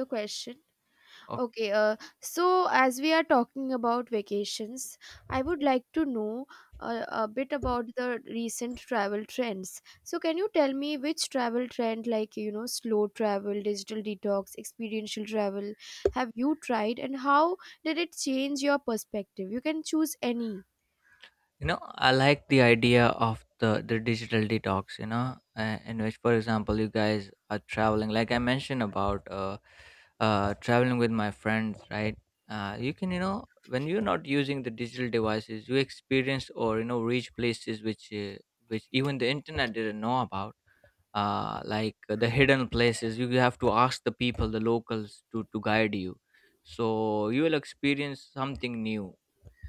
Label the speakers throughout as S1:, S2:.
S1: The question.
S2: Okay.
S1: Okay, so as we are talking about vacations, I would like to know a bit about the recent travel trends. So, can you tell me which travel trend, like, slow travel, digital detox, experiential travel, have you tried and how did it change your perspective? You can choose any.
S2: You know, I like the idea of the digital detox, in which, for example, you guys are traveling, like I mentioned about traveling with my friends, right? You can, when you're not using the digital devices, you experience or, reach places which even the internet didn't know about. Like the hidden places, you have to ask the people, the locals, to guide you. So you will experience something new,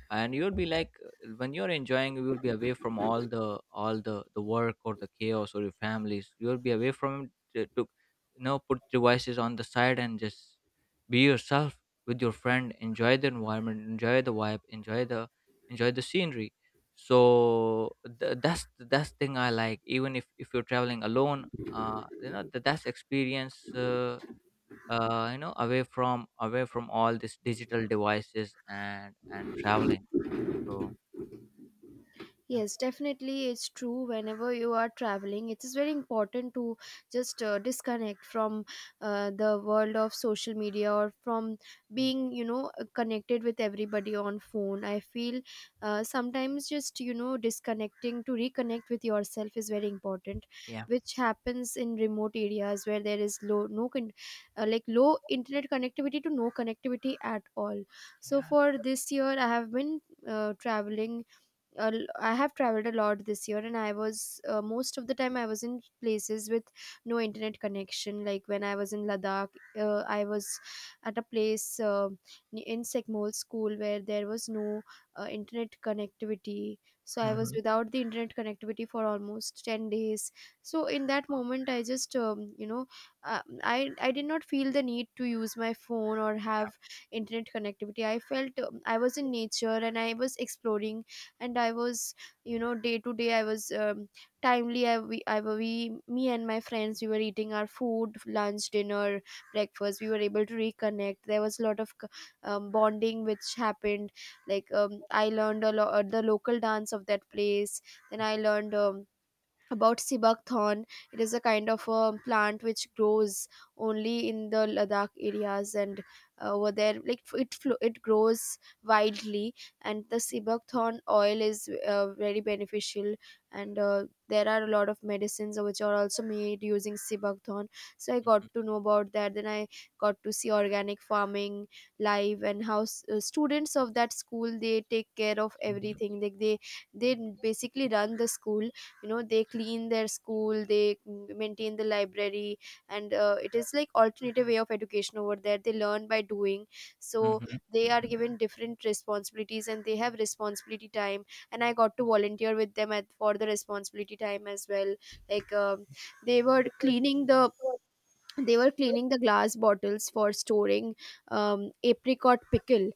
S2: and you'll be like, when you're enjoying, you will be away from all the work or the chaos or your families. You'll be away from it to put devices on the side and just be yourself with your friend, enjoy the environment, enjoy the vibe, enjoy the scenery. So that's thing I like, even if you're traveling alone. That's experience, away from all these digital devices and traveling, so... Yeah.
S1: Yes, definitely, it's true. Whenever you are traveling, it is very important to just disconnect from the world of social media, or from
S2: Mm,
S1: being, connected with everybody on phone. I feel sometimes just disconnecting to reconnect with yourself is very important,
S2: yeah,
S1: which happens in remote areas where there is low no con- like low internet connectivity to no connectivity at all. So
S2: yeah.
S1: for this year, uh, traveling uh, I have traveled a lot this year, and I was most of the time I was in places with no internet connection. Like when I was in Ladakh, I was at a place in Sekmol school where there was no internet connectivity. So I was
S2: Mhm,
S1: without the internet connectivity for almost 10 days. So in that moment, I just I did not feel the need to use my phone or have internet connectivity. I felt I was in nature and I was exploring, and I was, day to day I was, timely, I we me and my friends, we were eating our food, lunch, dinner, breakfast. We were able to reconnect. There was a lot of bonding which happened. Like, I learned a lot, the local dance of that place. Then I learned, about sibakthorn. It is a kind of a plant which grows only in the Ladakh areas. And over there, like, it grows widely. And the sibakthorn oil is very beneficial, and there are a lot of medicines which are also made using sibakthorn. So I got to know about that. Then I got to see organic farming live, and how students of that school, they take care of
S2: mhm,
S1: everything. Like they basically run the school. You know, they clean their school, they maintain the library. And it is like alternative way of education. Over there, they learn by doing. So
S2: mhm,
S1: they are
S2: mhm,
S1: given different responsibilities, and they have responsibility time. And I got to volunteer with them at, for the responsibility time as well. Like, they were cleaning the they were cleaning the glass bottles for storing, apricot pickle.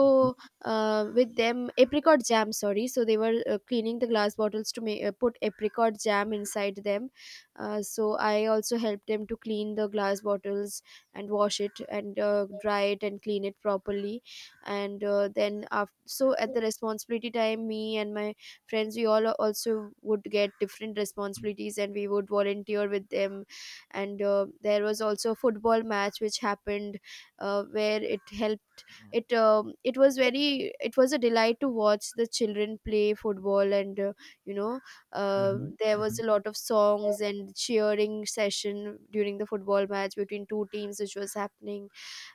S2: mhm, mhm.
S1: with them, apricot jam, sorry. So they were cleaning the glass bottles to put apricot jam inside them. So I also helped them to clean the glass bottles, and wash it, and dry it, and clean it properly. And then after, so at the responsibility time, me and my friends, we all also would get different responsibilities, and we would volunteer with them. And there was also a football match which happened. Where it helped, it, it was very, it was a delight to watch the children play football. And you know
S2: Yeah. Mhm,
S1: there was
S2: mhm.
S1: a lot of songs and cheering session during the football match between two teams which was happening.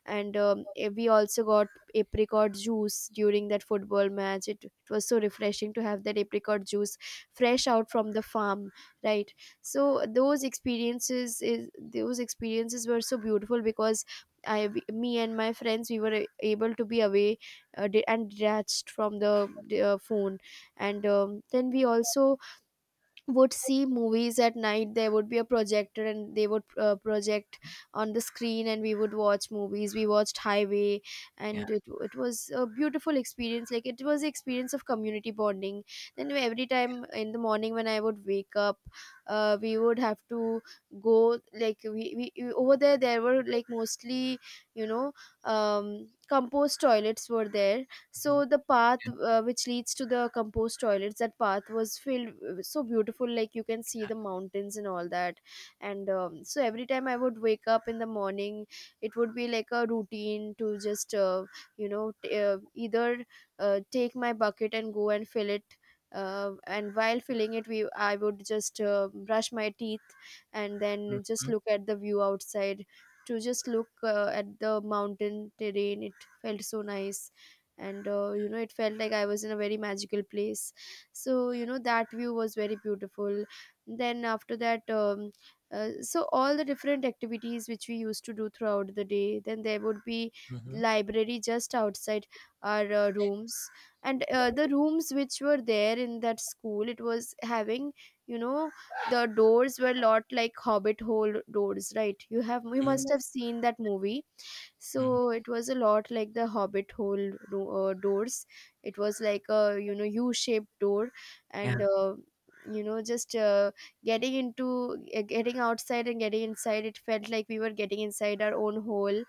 S1: And we also got apricot juice during that football match. It was so refreshing to have that apricot juice fresh out from the farm, right? So those experiences were so beautiful because me and my friends, we were able to be away, and detached from the phone. And then we also would see movies at night. There would be a projector and they would project on the screen, and we would watch movies. We watched Highway.
S2: Yeah.
S1: And it was a beautiful experience. Like, it was the experience of community bonding. Then every time in the morning when I would wake up, we would have to go. Like, we over there, there were like mostly, you know compost toilets were there.
S2: Mhm,
S1: So the path, which leads to the compost toilets, that path was so beautiful, like you can see the mountains and all that. And so every time I would wake up in the morning, it would be like a routine to just, either take my bucket and go and fill it. And while filling it, we I would just brush my teeth, and then just
S2: mhm,
S1: look at the view outside. To just look, at the mountain terrain, it felt so nice. And it felt like I was in a very magical place. So that view was very beautiful. Then after that, so all the different activities which we used to do throughout the day, then there would be
S2: mhm,
S1: library just outside our rooms. And the rooms which were there in that school, it was having, you know, the doors were lot like hobbit hole doors, right? You must
S2: mhm,
S1: have seen that movie.
S2: mhm,
S1: So it was a lot like the hobbit hole doors. It was like a, u-shaped door.
S2: yeah,
S1: And you know just getting into, getting outside and getting inside, it felt like we were getting inside our own hole.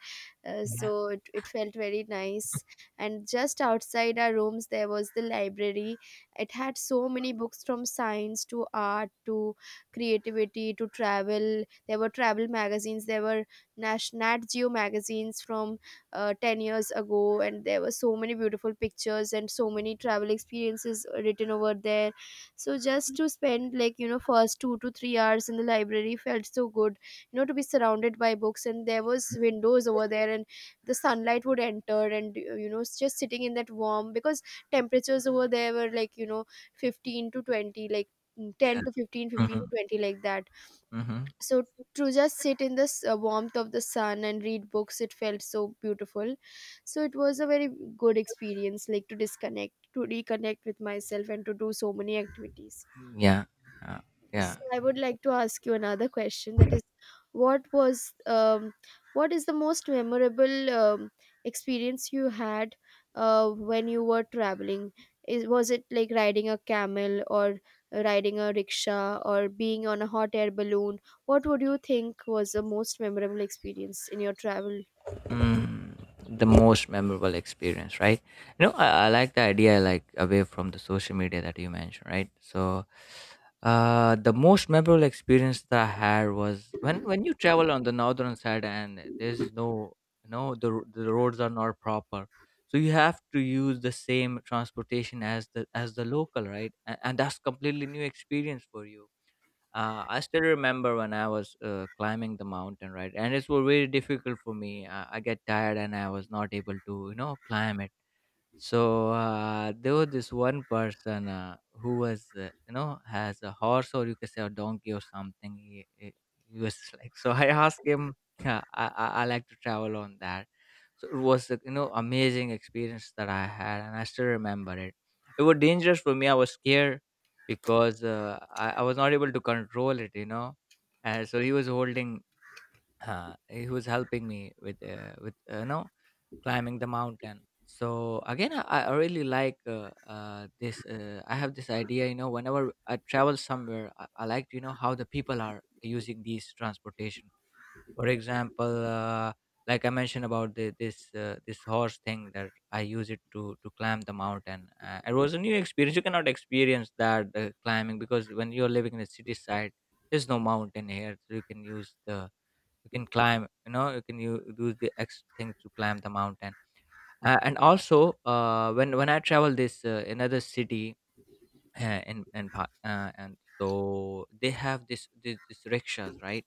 S1: uh,
S2: yeah,
S1: so it felt very nice. And just outside our rooms there was the library. It had so many books, from science to art to creativity to travel. There were travel magazines, there were Nat Geo magazines from 10 years ago, and there were so many beautiful pictures and so many travel experiences written over there. So, just to spend, first 2 to 3 hours in the library felt so good. To be surrounded by books, and there was windows over there, and the sunlight would enter, and just sitting in that warm, because temperatures over there were 15 to 20, like,
S2: yeah.
S1: 10 to 15 to
S2: Mhm,
S1: 20, like that.
S2: mhm,
S1: So to just sit in the warmth of the sun and read books, it felt so beautiful. So it was a very good experience, like, to disconnect to reconnect with myself and to do so many activities.
S2: yeah, yeah, yeah.
S1: So I would like to ask you another question, that is, what was um, what is the most memorable, experience you had, when you were traveling? Was it like riding a camel or riding a rickshaw or being on a hot air balloon? What would you think was the most memorable experience in your travel?
S2: mm, the most memorable experience, right? You know, I like the idea, like away from the social media that you mentioned, right, so the most memorable experience that I had was when you travel on the northern side, and there's no, the roads are not proper. So you have to use the same transportation as the local, right? And that's completely new experience for you. I still remember when I was climbing the mountain, right? And it was very difficult for me. I get tired, and I was not able to, climb it. So there was this one person who has a horse, or you can say a donkey or something. He was like, so I asked him, yeah, I like to travel on that. So it was, amazing experience that I had, and I still remember it. It was dangerous for me. I was scared because I was not able to control it, you know. And so he was helping me with climbing the mountain. So again, I really like, this, I have this idea, you know, whenever I travel somewhere. I like to, you know, how the people are using these transportation. For example, like I mentioned about the, this this horse thing that I use it to climb the mountain. It was a new experience. You cannot experience that climbing, because when you're living in the city side, there's no mountain here. So you can climb, you know, you can use the X thing to climb the mountain. And also, when I travel this another city, in and so they have this rickshaws, right?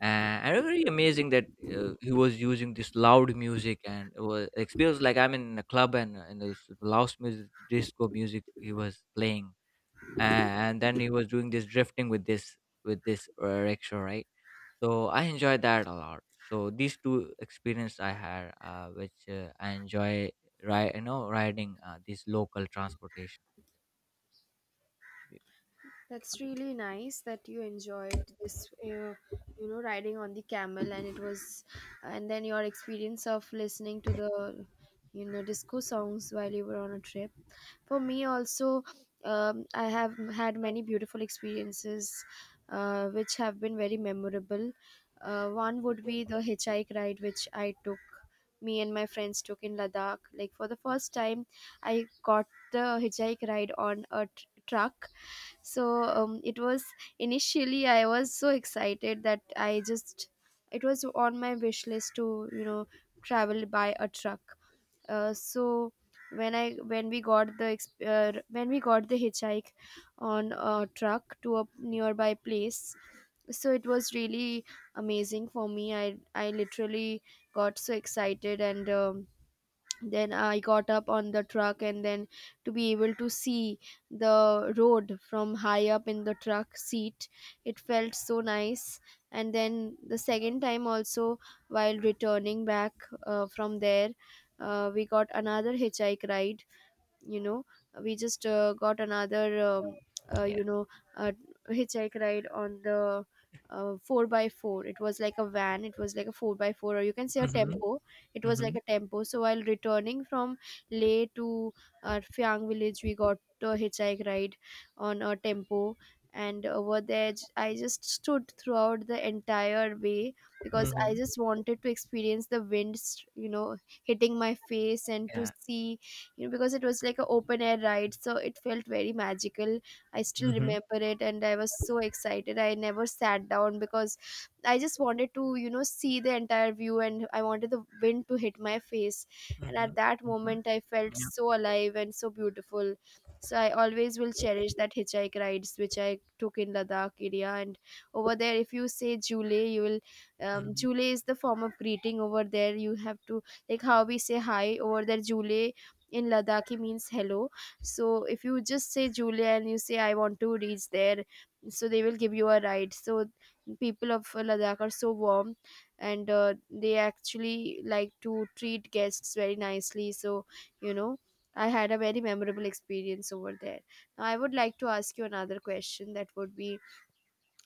S2: Uh, and it was really amazing that he was using this loud music, and it feels like I'm in a club, and this loud music, disco music, he was playing. And then he was doing this drifting with this rickshaw, right? So I enjoyed that a lot. So these two experience I had, which I enjoy, right? You know, riding these local transportation.
S1: That's really nice that you enjoyed this, riding on the camel, and it was, and then your experience of listening to the, disco songs while you were on a trip. For me, also, I have had many beautiful experiences, which have been very memorable. One would be the hitchhike ride which I took, me and my friends took in Ladakh. Like for the first time, I got the hitchhike ride on a truck. So it was, initially I was so excited that I just, it was on my wish list to travel by a truck. So when we got the hitchhike on a truck to a nearby place, so it was really amazing for me. I literally got so excited and. Then I got up on the truck, and then to be able to see the road from high up in the truck seat, it felt so nice. And then the second time also, while returning back from there, we got another hitchhike ride. You know we just got another
S2: Yeah.
S1: you know uh, Hitchhike ride on the 4 by 4. It was like a van, it was like a 4 by 4, or you can say a
S2: Mm-hmm,
S1: tempo. It was
S2: mm-hmm,
S1: like a tempo. So while returning from Leh to Fyang village, we got a hitchhike ride on a tempo. And over there, I just stood throughout the entire way, because I
S2: mm-hmm.
S1: just wanted to experience the wind hitting my face and to
S2: Yeah.
S1: see, you know, because it was like an open air ride, so it felt very magical. I still remember it, and I was so excited, I never sat down, because I just wanted to you know see the entire view, and I wanted the wind to hit my face. And at that moment, I felt so alive and so beautiful. So I always will cherish that hitchhike rides which I took in Ladakh area. And over there, if you say jule, you will
S2: Mm-hmm.
S1: jule is the form of greeting over there. You have to, like how we say hi, over there jule in Ladakhi means hello. So if you just say Julia and you say I want to reach there, so they will give you a ride. So people of Ladakh are so warm, and they actually like to treat guests very nicely. So you know, I had a very memorable experience over there. Now I would like to ask you another question that would be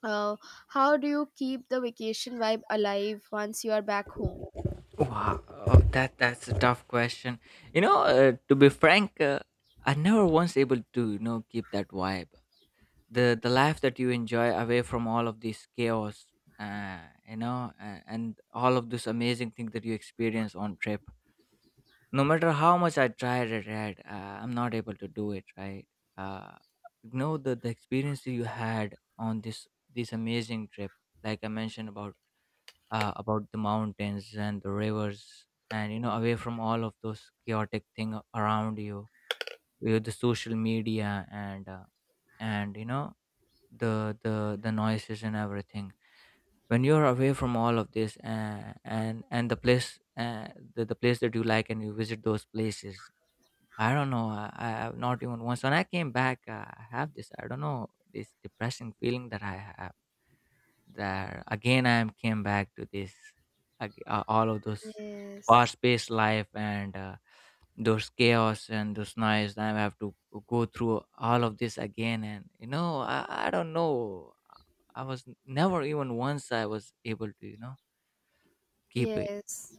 S1: uh, how do you keep the vacation vibe alive once you are back home?
S2: Wow. Oh, that's a tough question. You know, to be frank, I never once able to, keep that vibe. The life that you enjoy away from all of this chaos, uh, and all of this amazing thing that you experience on trip, no matter how much I tried it, right, I'm not able to do it, right. uh, the experience you had on this amazing trip, like I mentioned about, about the mountains and the rivers, and you know, away from all of those chaotic thing around you, with the social media, and you know, the noises and everything. When you're away from all of this, and the place, the place that you like and you visit those places, I don't know, I have not even once, when I came back, I have this, I don't know, this depressing feeling that I have, that again I am came back to this, all of those
S1: Yes.
S2: fast-paced life, and those chaos and those noise I have to go through all of this again, and you know, I don't know, I was never even once I was able to, you know, keep it.
S1: Yes.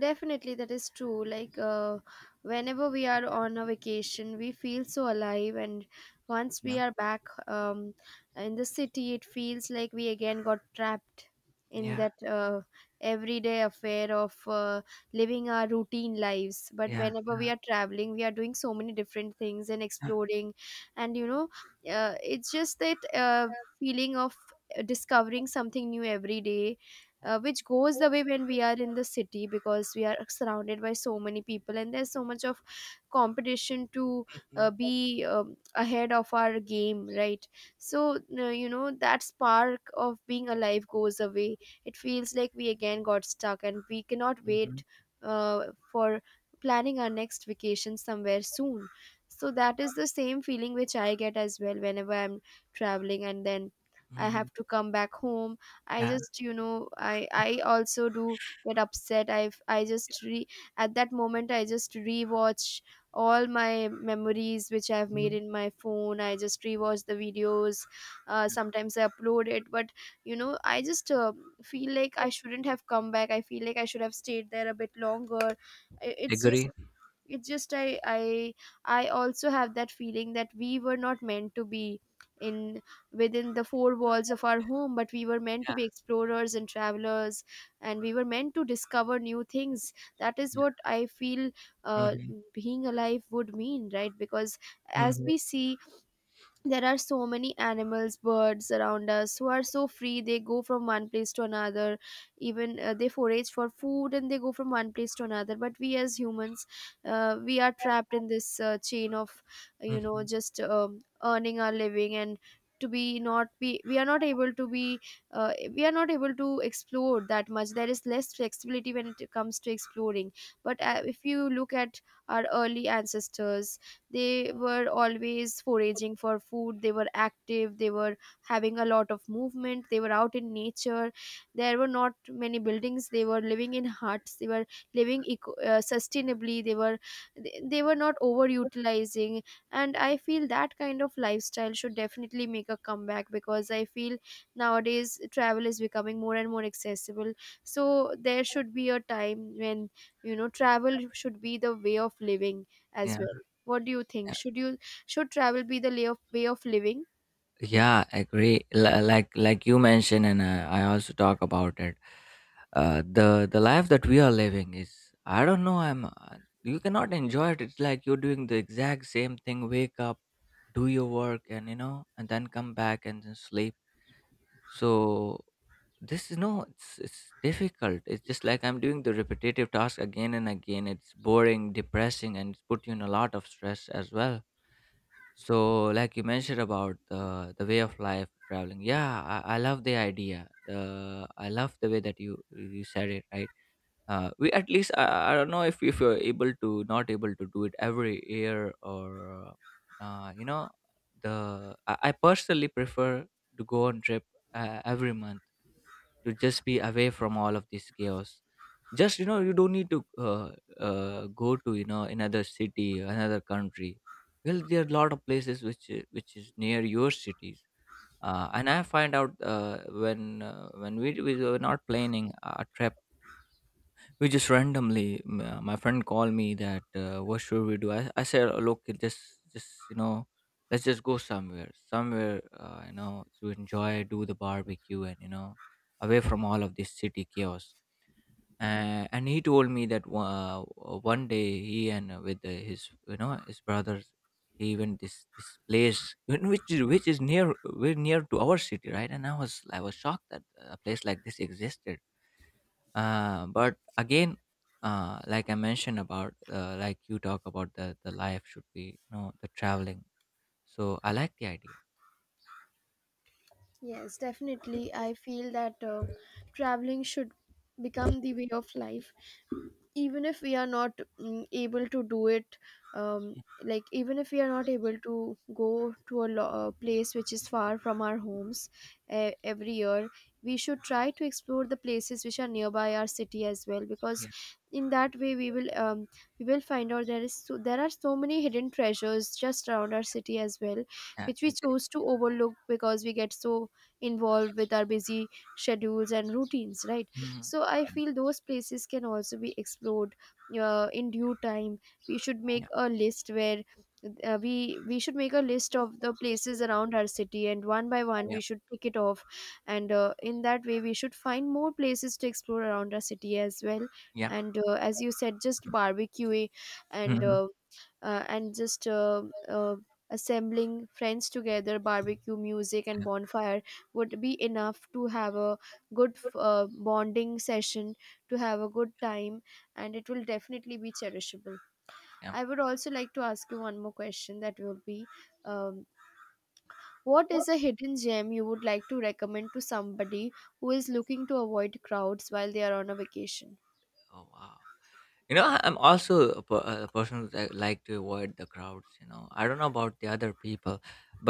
S1: Definitely, that is true. Like, whenever we are on a vacation, we feel so alive, and once
S2: You
S1: we
S2: know.
S1: are back, um, in the city, it feels like we again got trapped in
S2: Yeah,
S1: that everyday affair of living our routine lives. But
S2: yeah,
S1: whenever
S2: yeah,
S1: we are traveling, we are doing so many different things and
S2: yeah,
S1: exploring, and you know, it's just that feeling of discovering something new every day,
S2: yeah.
S1: which goes away when we are in the city, because we are surrounded by so many people and there's so much of competition to
S2: Mm-hmm,
S1: be ahead of our game, right? So you know, that spark of being alive goes away. It feels like we again got stuck, and we cannot
S2: mm-hmm,
S1: wait uh, for planning our next vacation somewhere soon. So that is the same feeling which I get as well whenever I'm traveling and then I
S2: mm-hmm.
S1: have to come back home. I
S2: Yeah.
S1: just you know I also do get upset. I just re at that moment I just rewatch all my memories which I've made
S2: Mhm.
S1: in my phone. I just rewatch the videos. Sometimes I upload it, but you know I just feel like I shouldn't have come back. I feel like I should have stayed there a bit longer. It's just
S2: Agree.
S1: it's just I I I also have that feeling that we were not meant to be in within the four walls of our home, but we were meant to
S2: Yeah,
S1: be explorers and travelers, and we were meant to discover new things. That is
S2: yeah.
S1: what I feel uh,
S2: Mm-hmm,
S1: being alive would mean, right? Because as
S2: mm-hmm,
S1: we see, there are so many animals birds around us who are so free, they go from one place to another. Even they forage for food and they go from one place to another, but we as humans, we are trapped in this chain of you know
S2: mm-hmm.
S1: just earning our living and to be not be we are not able to be we are not able to explore that much. There is less flexibility when it comes to exploring. But
S2: Yeah,
S1: if you look at our early ancestors, they were always foraging for food, they were active, they were having a lot of movement, they were out in nature, there were not many buildings, they were living in huts, they were living sustainably, they were they were not overutilizing. And I feel that kind of lifestyle should definitely make a comeback, because I feel nowadays travel is becoming more and more accessible. So there should be a time when you know travel should be the way of living as
S2: yeah.
S1: well. What do you think? Should travel be the way of living?
S2: Yeah, I agree. Like you mentioned, and I also talk about it. The life that we are living is, I don't know. I'm, you cannot enjoy it. It's like you're doing the exact same thing. Wake up, do your work, and then come back and then sleep. So this is no, it's difficult. It's just like I'm doing the repetitive task again and again. It's boring, depressing, and it's put you in a lot of stress as well. So like you mentioned about the way of life traveling. Yeah, I love the idea. The I love the way that you said it, right? We, at least, I don't know if you're able to, not able to do it every year, or you know the I personally prefer to go on trip every month, to just be away from all of this chaos. Just, you know, you don't need to, go to, you know, another city, another country. Well, there are a lot of places which is near your cities. And I find out, when we were not planning a trip, we just randomly, my friend called me that, what should we do. I said, "Oh, look, it just, just you know let's just go somewhere, somewhere, to enjoy, do the barbecue, and you know, away from all of this city chaos. And he told me that, one day he, and with his you know his brothers, he went this place which is near. We're near to our city, right? And I was shocked that a place like this existed. But again, like I mentioned about, like you talk about, the life should be, you know, the traveling, so I like the idea.
S1: Yes, definitely. I feel that traveling should become the way of life. Even if we are not able to do it, um, like even if we are not able to go to a a place which is far from our homes every year, we should try to explore the places which are nearby our city as well. Because
S2: Yeah,
S1: in that way, we will find out there is there are so many hidden treasures just around our city as well,
S2: yeah,
S1: which we
S2: I agree.
S1: choose to overlook because we get so involved with our busy schedules and routines, right?
S2: Mhm.
S1: So I feel those places can also be explored in due time. We should make
S2: Yeah,
S1: a list where we should make a list of the places around our city, and one by one
S2: yeah,
S1: we should pick it off. And in that way, we should find more places to explore around our city as well.
S2: yeah.
S1: And as you said, just barbecue and
S2: Mhm.
S1: uh, and just uh, assembling friends together, barbecue music and
S2: Yeah,
S1: bonfire would be enough to have a good bonding session, to have a good time, and it will definitely be cherishable.
S2: yeah.
S1: I would also like to ask you one more question that will be um, what is a hidden gem you would like to recommend to somebody who is looking to avoid crowds while they are on a vacation?
S2: Oh, wow. You know, I'm also a, a person that like to avoid the crowds. You know, I don't know about the other people,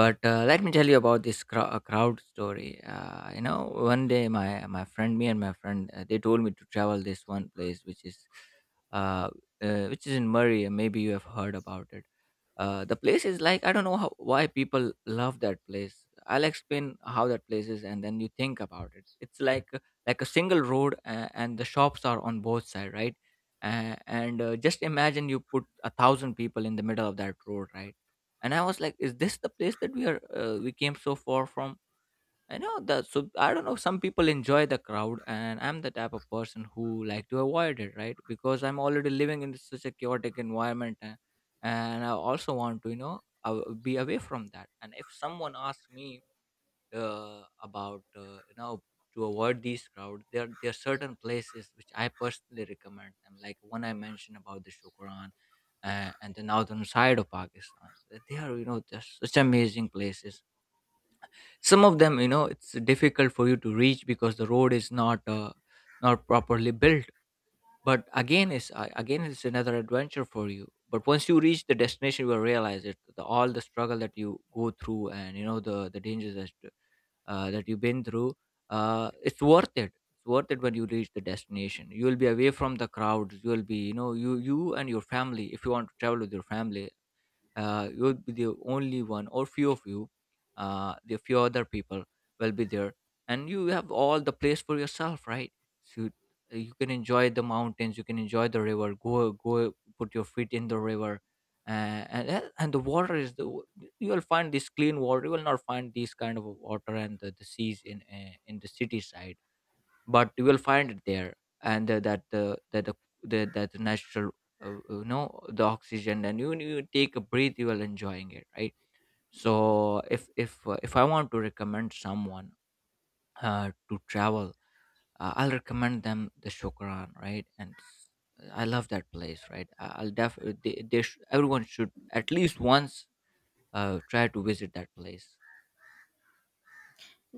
S2: but let me tell you about this crowd story. You know, one day me and my friend, they told me to travel this one place, uh, which is in Murray. Maybe you have heard about it. The place is like, I don't know how, why people love that place. I'll explain how that place is, and then you think about it. It's like a single road, and the shops are on both side, right? And just imagine you put a thousand people in the middle of that road, right? And I was like, is this the place that we came so far from? I know that. So I don't know. Some people enjoy the crowd, and I'm the type of person who like to avoid it, right? Because I'm already living in such a chaotic environment, and I also want to, be away from that. And if someone asks me, about, to avoid these crowd, there are certain places which I personally recommend them, like one I mentioned about the Shukran. And the northern side of Pakistan, they are, just such amazing places. Some of them, it's difficult for you to reach because the road is not not properly built, but again it's another adventure for you. But once you reach the destination, you will realize all the struggle that you go through, and you know the dangers that that you've been through, it's worth it. It's worth it. When you reach the destination, you will be away from the crowds. You will be, you know, you and your family, if you want to travel with your family, you'll be the only one or few of you. The few other people will be there, and you have all the place for yourself, right? So you can enjoy the mountains, you can enjoy the river. Go put your feet in the river. And the water is you will find this clean water. You will not find these kind of water and the seas in the city side, but you will find it there. And that the that the natural, you know, the oxygen, and you take a breath, you will enjoying it, right? So if I want to recommend someone to travel, I'll recommend them the Shukran, right? I love that place, right? I'll definitely, everyone should at least once try to visit that place.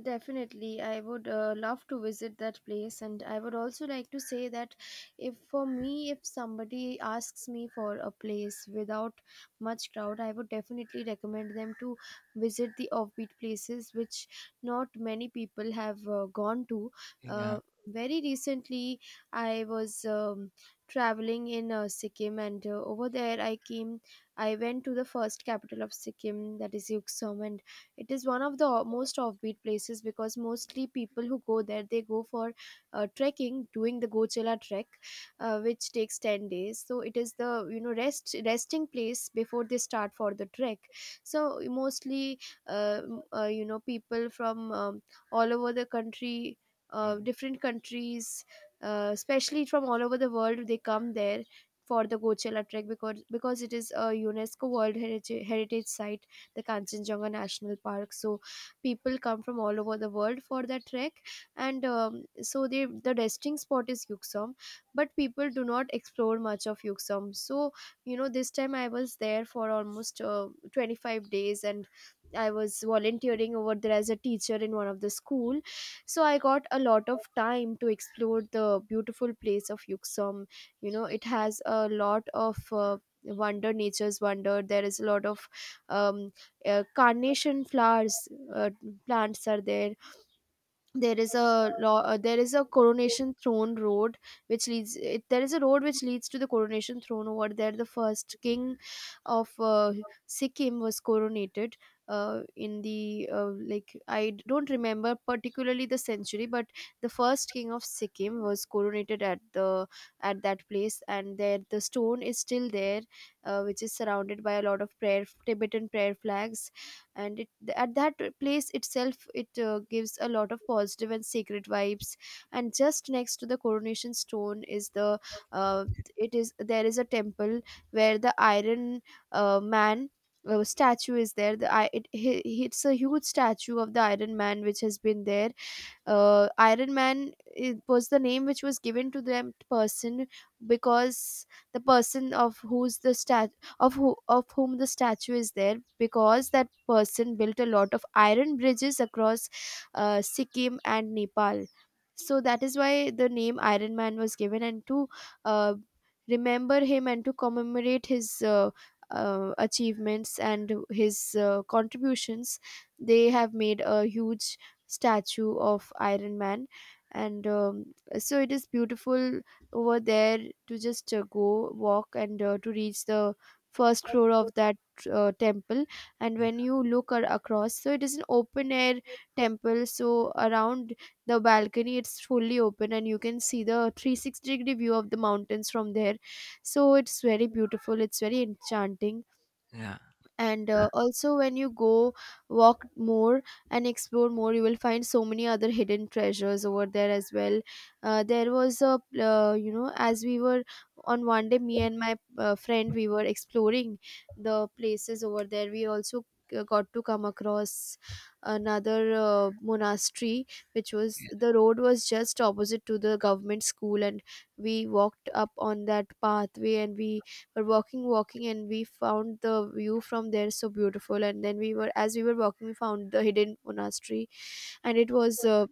S1: Definitely, I would love to visit that place, and I would also like to say that if for me, if somebody asks me for a place without much crowd, I would definitely recommend them to visit the offbeat places which not many people have gone to. Uh,
S2: Yeah.
S1: Very recently, I was traveling in Sikkim, and over there, I went to the first capital of Sikkim, that is Yuksum. And it is one of the most offbeat places, because mostly people who go there they go for trekking, doing the Gochela trek, which takes 10 days. So it is the you know resting place before they start for the trek. So mostly you know, people from all over the country.
S2: Yeah,
S1: Different countries, especially from all over the world, they come there for the Gochela trek, because it is a UNESCO World Heritage Site, the Kanchenjunga National Park. So people come from all over the world for that trek, and so they the resting spot is Yuksom, but people do not explore much of Yuksom. So you know, this time I was there for almost 25 days, and I was volunteering over there as a teacher in one of the school. So I got a lot of time to explore the beautiful place of Yuksom. You know, it has a lot of wonder nature's wonder. There is a lot of um, carnation flowers uh, plants are there. There is a there is a coronation throne road which leads it, there is a road which leads to the coronation throne. Over there the first king of Sikkim was coronated in the like I don't remember particularly the century, but the first king of Sikkim was coronated at the at that place, and there the stone is still there, which is surrounded by a lot of prayer Tibetan prayer flags. And at that place itself, it gives a lot of positive and sacred vibes. And just next to the coronation stone is the uh, it is there is a temple where the iron man statue is there. The it's a huge statue of the iron man which has been there. Iron Man, it was the name which was given to that person, because the person of whom the statue is there, because that person built a lot of iron bridges across Sikkim and Nepal. So that is why the name Iron Man was given, and to uh, remember him and to commemorate his achievements and his contributions, they have made a huge statue of Iron Man. And so it is beautiful over there to just go walk and to reach the first floor of that temple. And when you look across, so it is an open air temple, so around the balcony it's fully open, and you can see the 360 degree view of the mountains from there. So it's very beautiful, it's very enchanting.
S2: yeah,
S1: And
S2: yeah,
S1: also when you go walk more and explore more, you will find so many other hidden treasures over there as well. There was a you know, as we were on one day, me and my friend, we were exploring the places over there. We also got to come across another monastery, which was
S2: yeah, yeah,
S1: the road was just opposite to the government school. And we walked up on that pathway, and we were walking and we found the view from there so beautiful. And then we were, as we were walking, we found the hidden monastery. And it was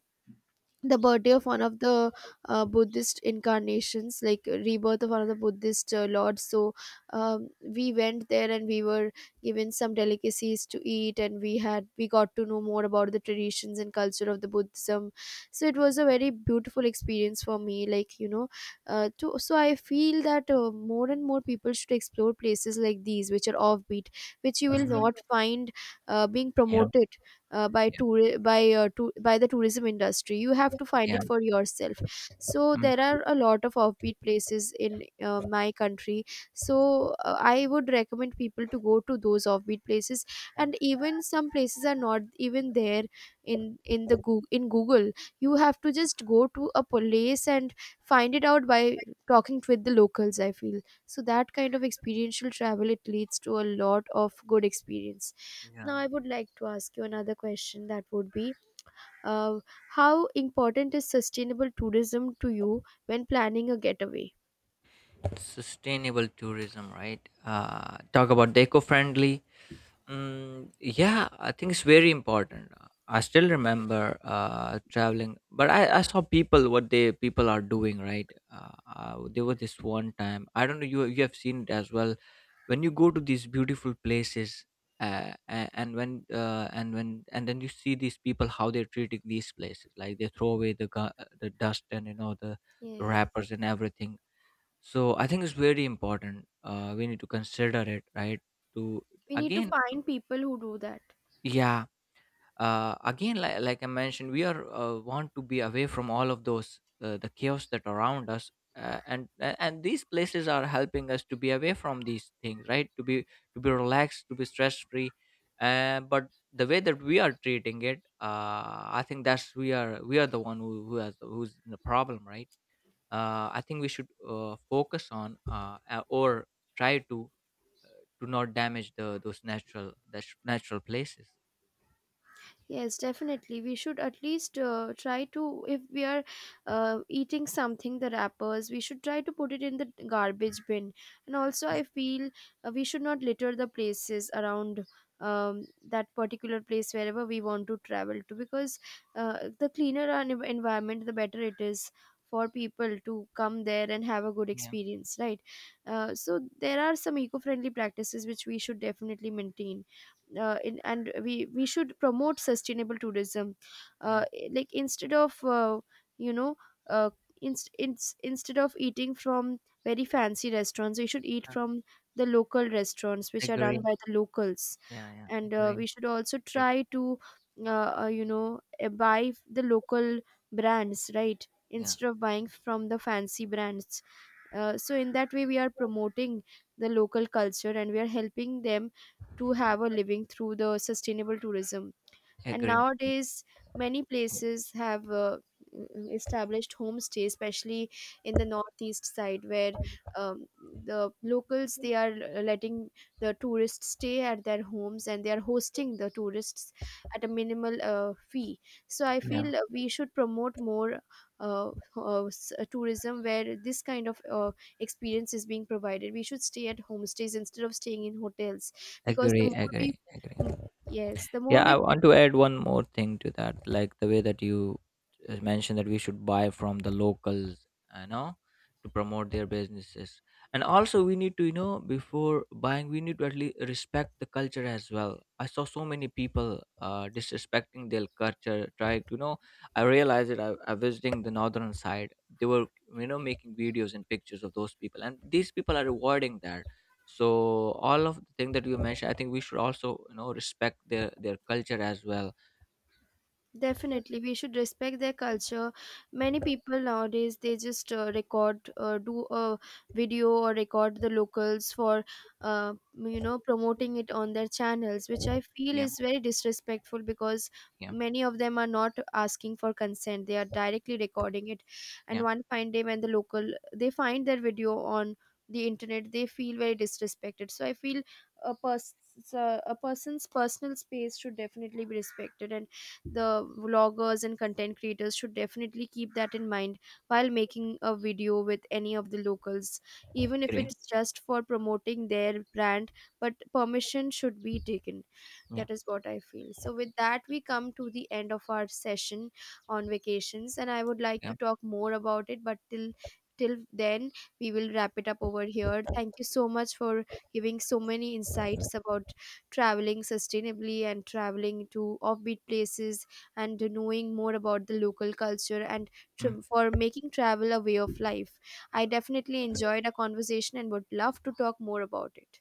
S1: the birthday of one of the Buddhist incarnations, like rebirth of one of the Buddhist lords. So we went there and we were given some delicacies to eat, and we got to know more about the traditions and culture of The buddhism, so it was a very beautiful experience for me, so I feel that more and more people should explore places like these which are offbeat, which you will
S2: mhm,
S1: not find being
S2: yeah,
S1: promoted
S2: yeah,
S1: by the tourism industry. You have to find
S2: yeah,
S1: it for yourself. So
S2: mhm,
S1: there are a lot of offbeat places in my country. So I would recommend people to go to those offbeat places. And even some places are not even there in in Google. You have to just go to a place and find it out by talking with the locals, I feel. So that kind of experiential travel, it leads to a lot of good experience. Now, I
S2: yeah.
S1: would like to ask you another question that would be uh, how important is sustainable tourism to you when planning a getaway?
S2: Sustainable tourism, right? Talk about the eco-friendly. Mm, yeah, I think it's very important. I still remember traveling, but I saw people what they people are doing, right? There was this one time, I don't know, you have seen it as well. When you go to these beautiful places, a- and when and when and then you see these people how they're treating these places, like they throw away the dust, and you know the
S1: Yes,
S2: wrappers and everything. So I think it's very important. We need to consider it, right? To
S1: we need to
S2: again,
S1: find people who do that.
S2: yeah. Again, like I mentioned, we are want to be away from all of those, the chaos that around us, and these places are helping us to be away from these things, right? To be relaxed, to be stress free. But the way that we are treating it, I think that's we are the one who has who's in the problem, right? I think we should focus on or try to not damage the those natural the sh- natural places.
S1: Yes, definitely. We should at least try to, if we are eating something, the wrappers, we should try to put it in the garbage bin. And also,
S2: Mm.
S1: I feel we should not litter the places around that particular place wherever we want to travel to, because the cleaner our environment, the better it is for people to come there and have a good
S2: Yeah,
S1: experience, right? So, there are some eco friendly practices which we should definitely maintain and we should promote sustainable tourism,
S2: yeah,
S1: like instead of you know uh, instead of eating from very fancy restaurants, we should eat
S2: uh,
S1: from the local restaurants which are
S2: agree.
S1: run by the locals.
S2: Yeah, yeah,
S1: And
S2: agree,
S1: we should also
S2: agree.
S1: try to buy the local brands, right,
S2: Yeah,
S1: instead of buying from the fancy brands. So in that way, we are promoting the local culture and we are helping them to have a living through the sustainable tourism. And
S2: agree.
S1: nowadays, many places have established homestay, especially in the northeast side, where um, the locals, they are letting the tourists stay at their homes, and they are hosting the tourists at a minimal fee. So I
S2: Yeah.
S1: feel we should promote more uh, tourism where this kind of experience is being provided. We should stay at homestays instead of staying in hotels, because the
S2: Agree,
S1: more we,
S2: agree, agree.
S1: mm, yes, the more
S2: Yeah,
S1: we.
S2: I want to add one more thing to that, like the way that you mentioned that we should buy from the locals, you know, to promote their businesses. And also, we need to, you know, before buying, we need to at least respect the culture as well. I saw so many people disrespecting their culture, trying to, you know, I realized it. I visiting the northern side. They were, you know, making videos and pictures of those people, and these people are rewarding that. So all of the thing that you mentioned, I think we should also, you know, respect their culture as well.
S1: Definitely, we should respect their culture. Many people nowadays, they just record, do a video or record the locals for, promoting it on their channels, which I feel
S2: Yeah,
S1: is very disrespectful, because
S2: yeah,
S1: many of them are not asking for consent. They are directly recording it, and
S2: yeah,
S1: one fine day, when the local, they find their video on the internet, they feel very disrespected. So I feel a person's personal space should definitely be respected, and the vloggers and content creators should definitely keep that in mind while making a video with any of the locals, even if
S2: agree,
S1: it's just for promoting their brand, but permission should be taken.
S2: yeah,
S1: That is what I feel. So with that, we come to the end of our session on vacations, and I would like
S2: yeah.
S1: to talk more about it, but till till then, we will wrap it up over here. Thank you so much for giving so many insights about traveling sustainably and traveling to offbeat places and knowing more about the local culture and
S2: Mm.
S1: for making travel a way of life. I definitely enjoyed our conversation and would love to talk more about it.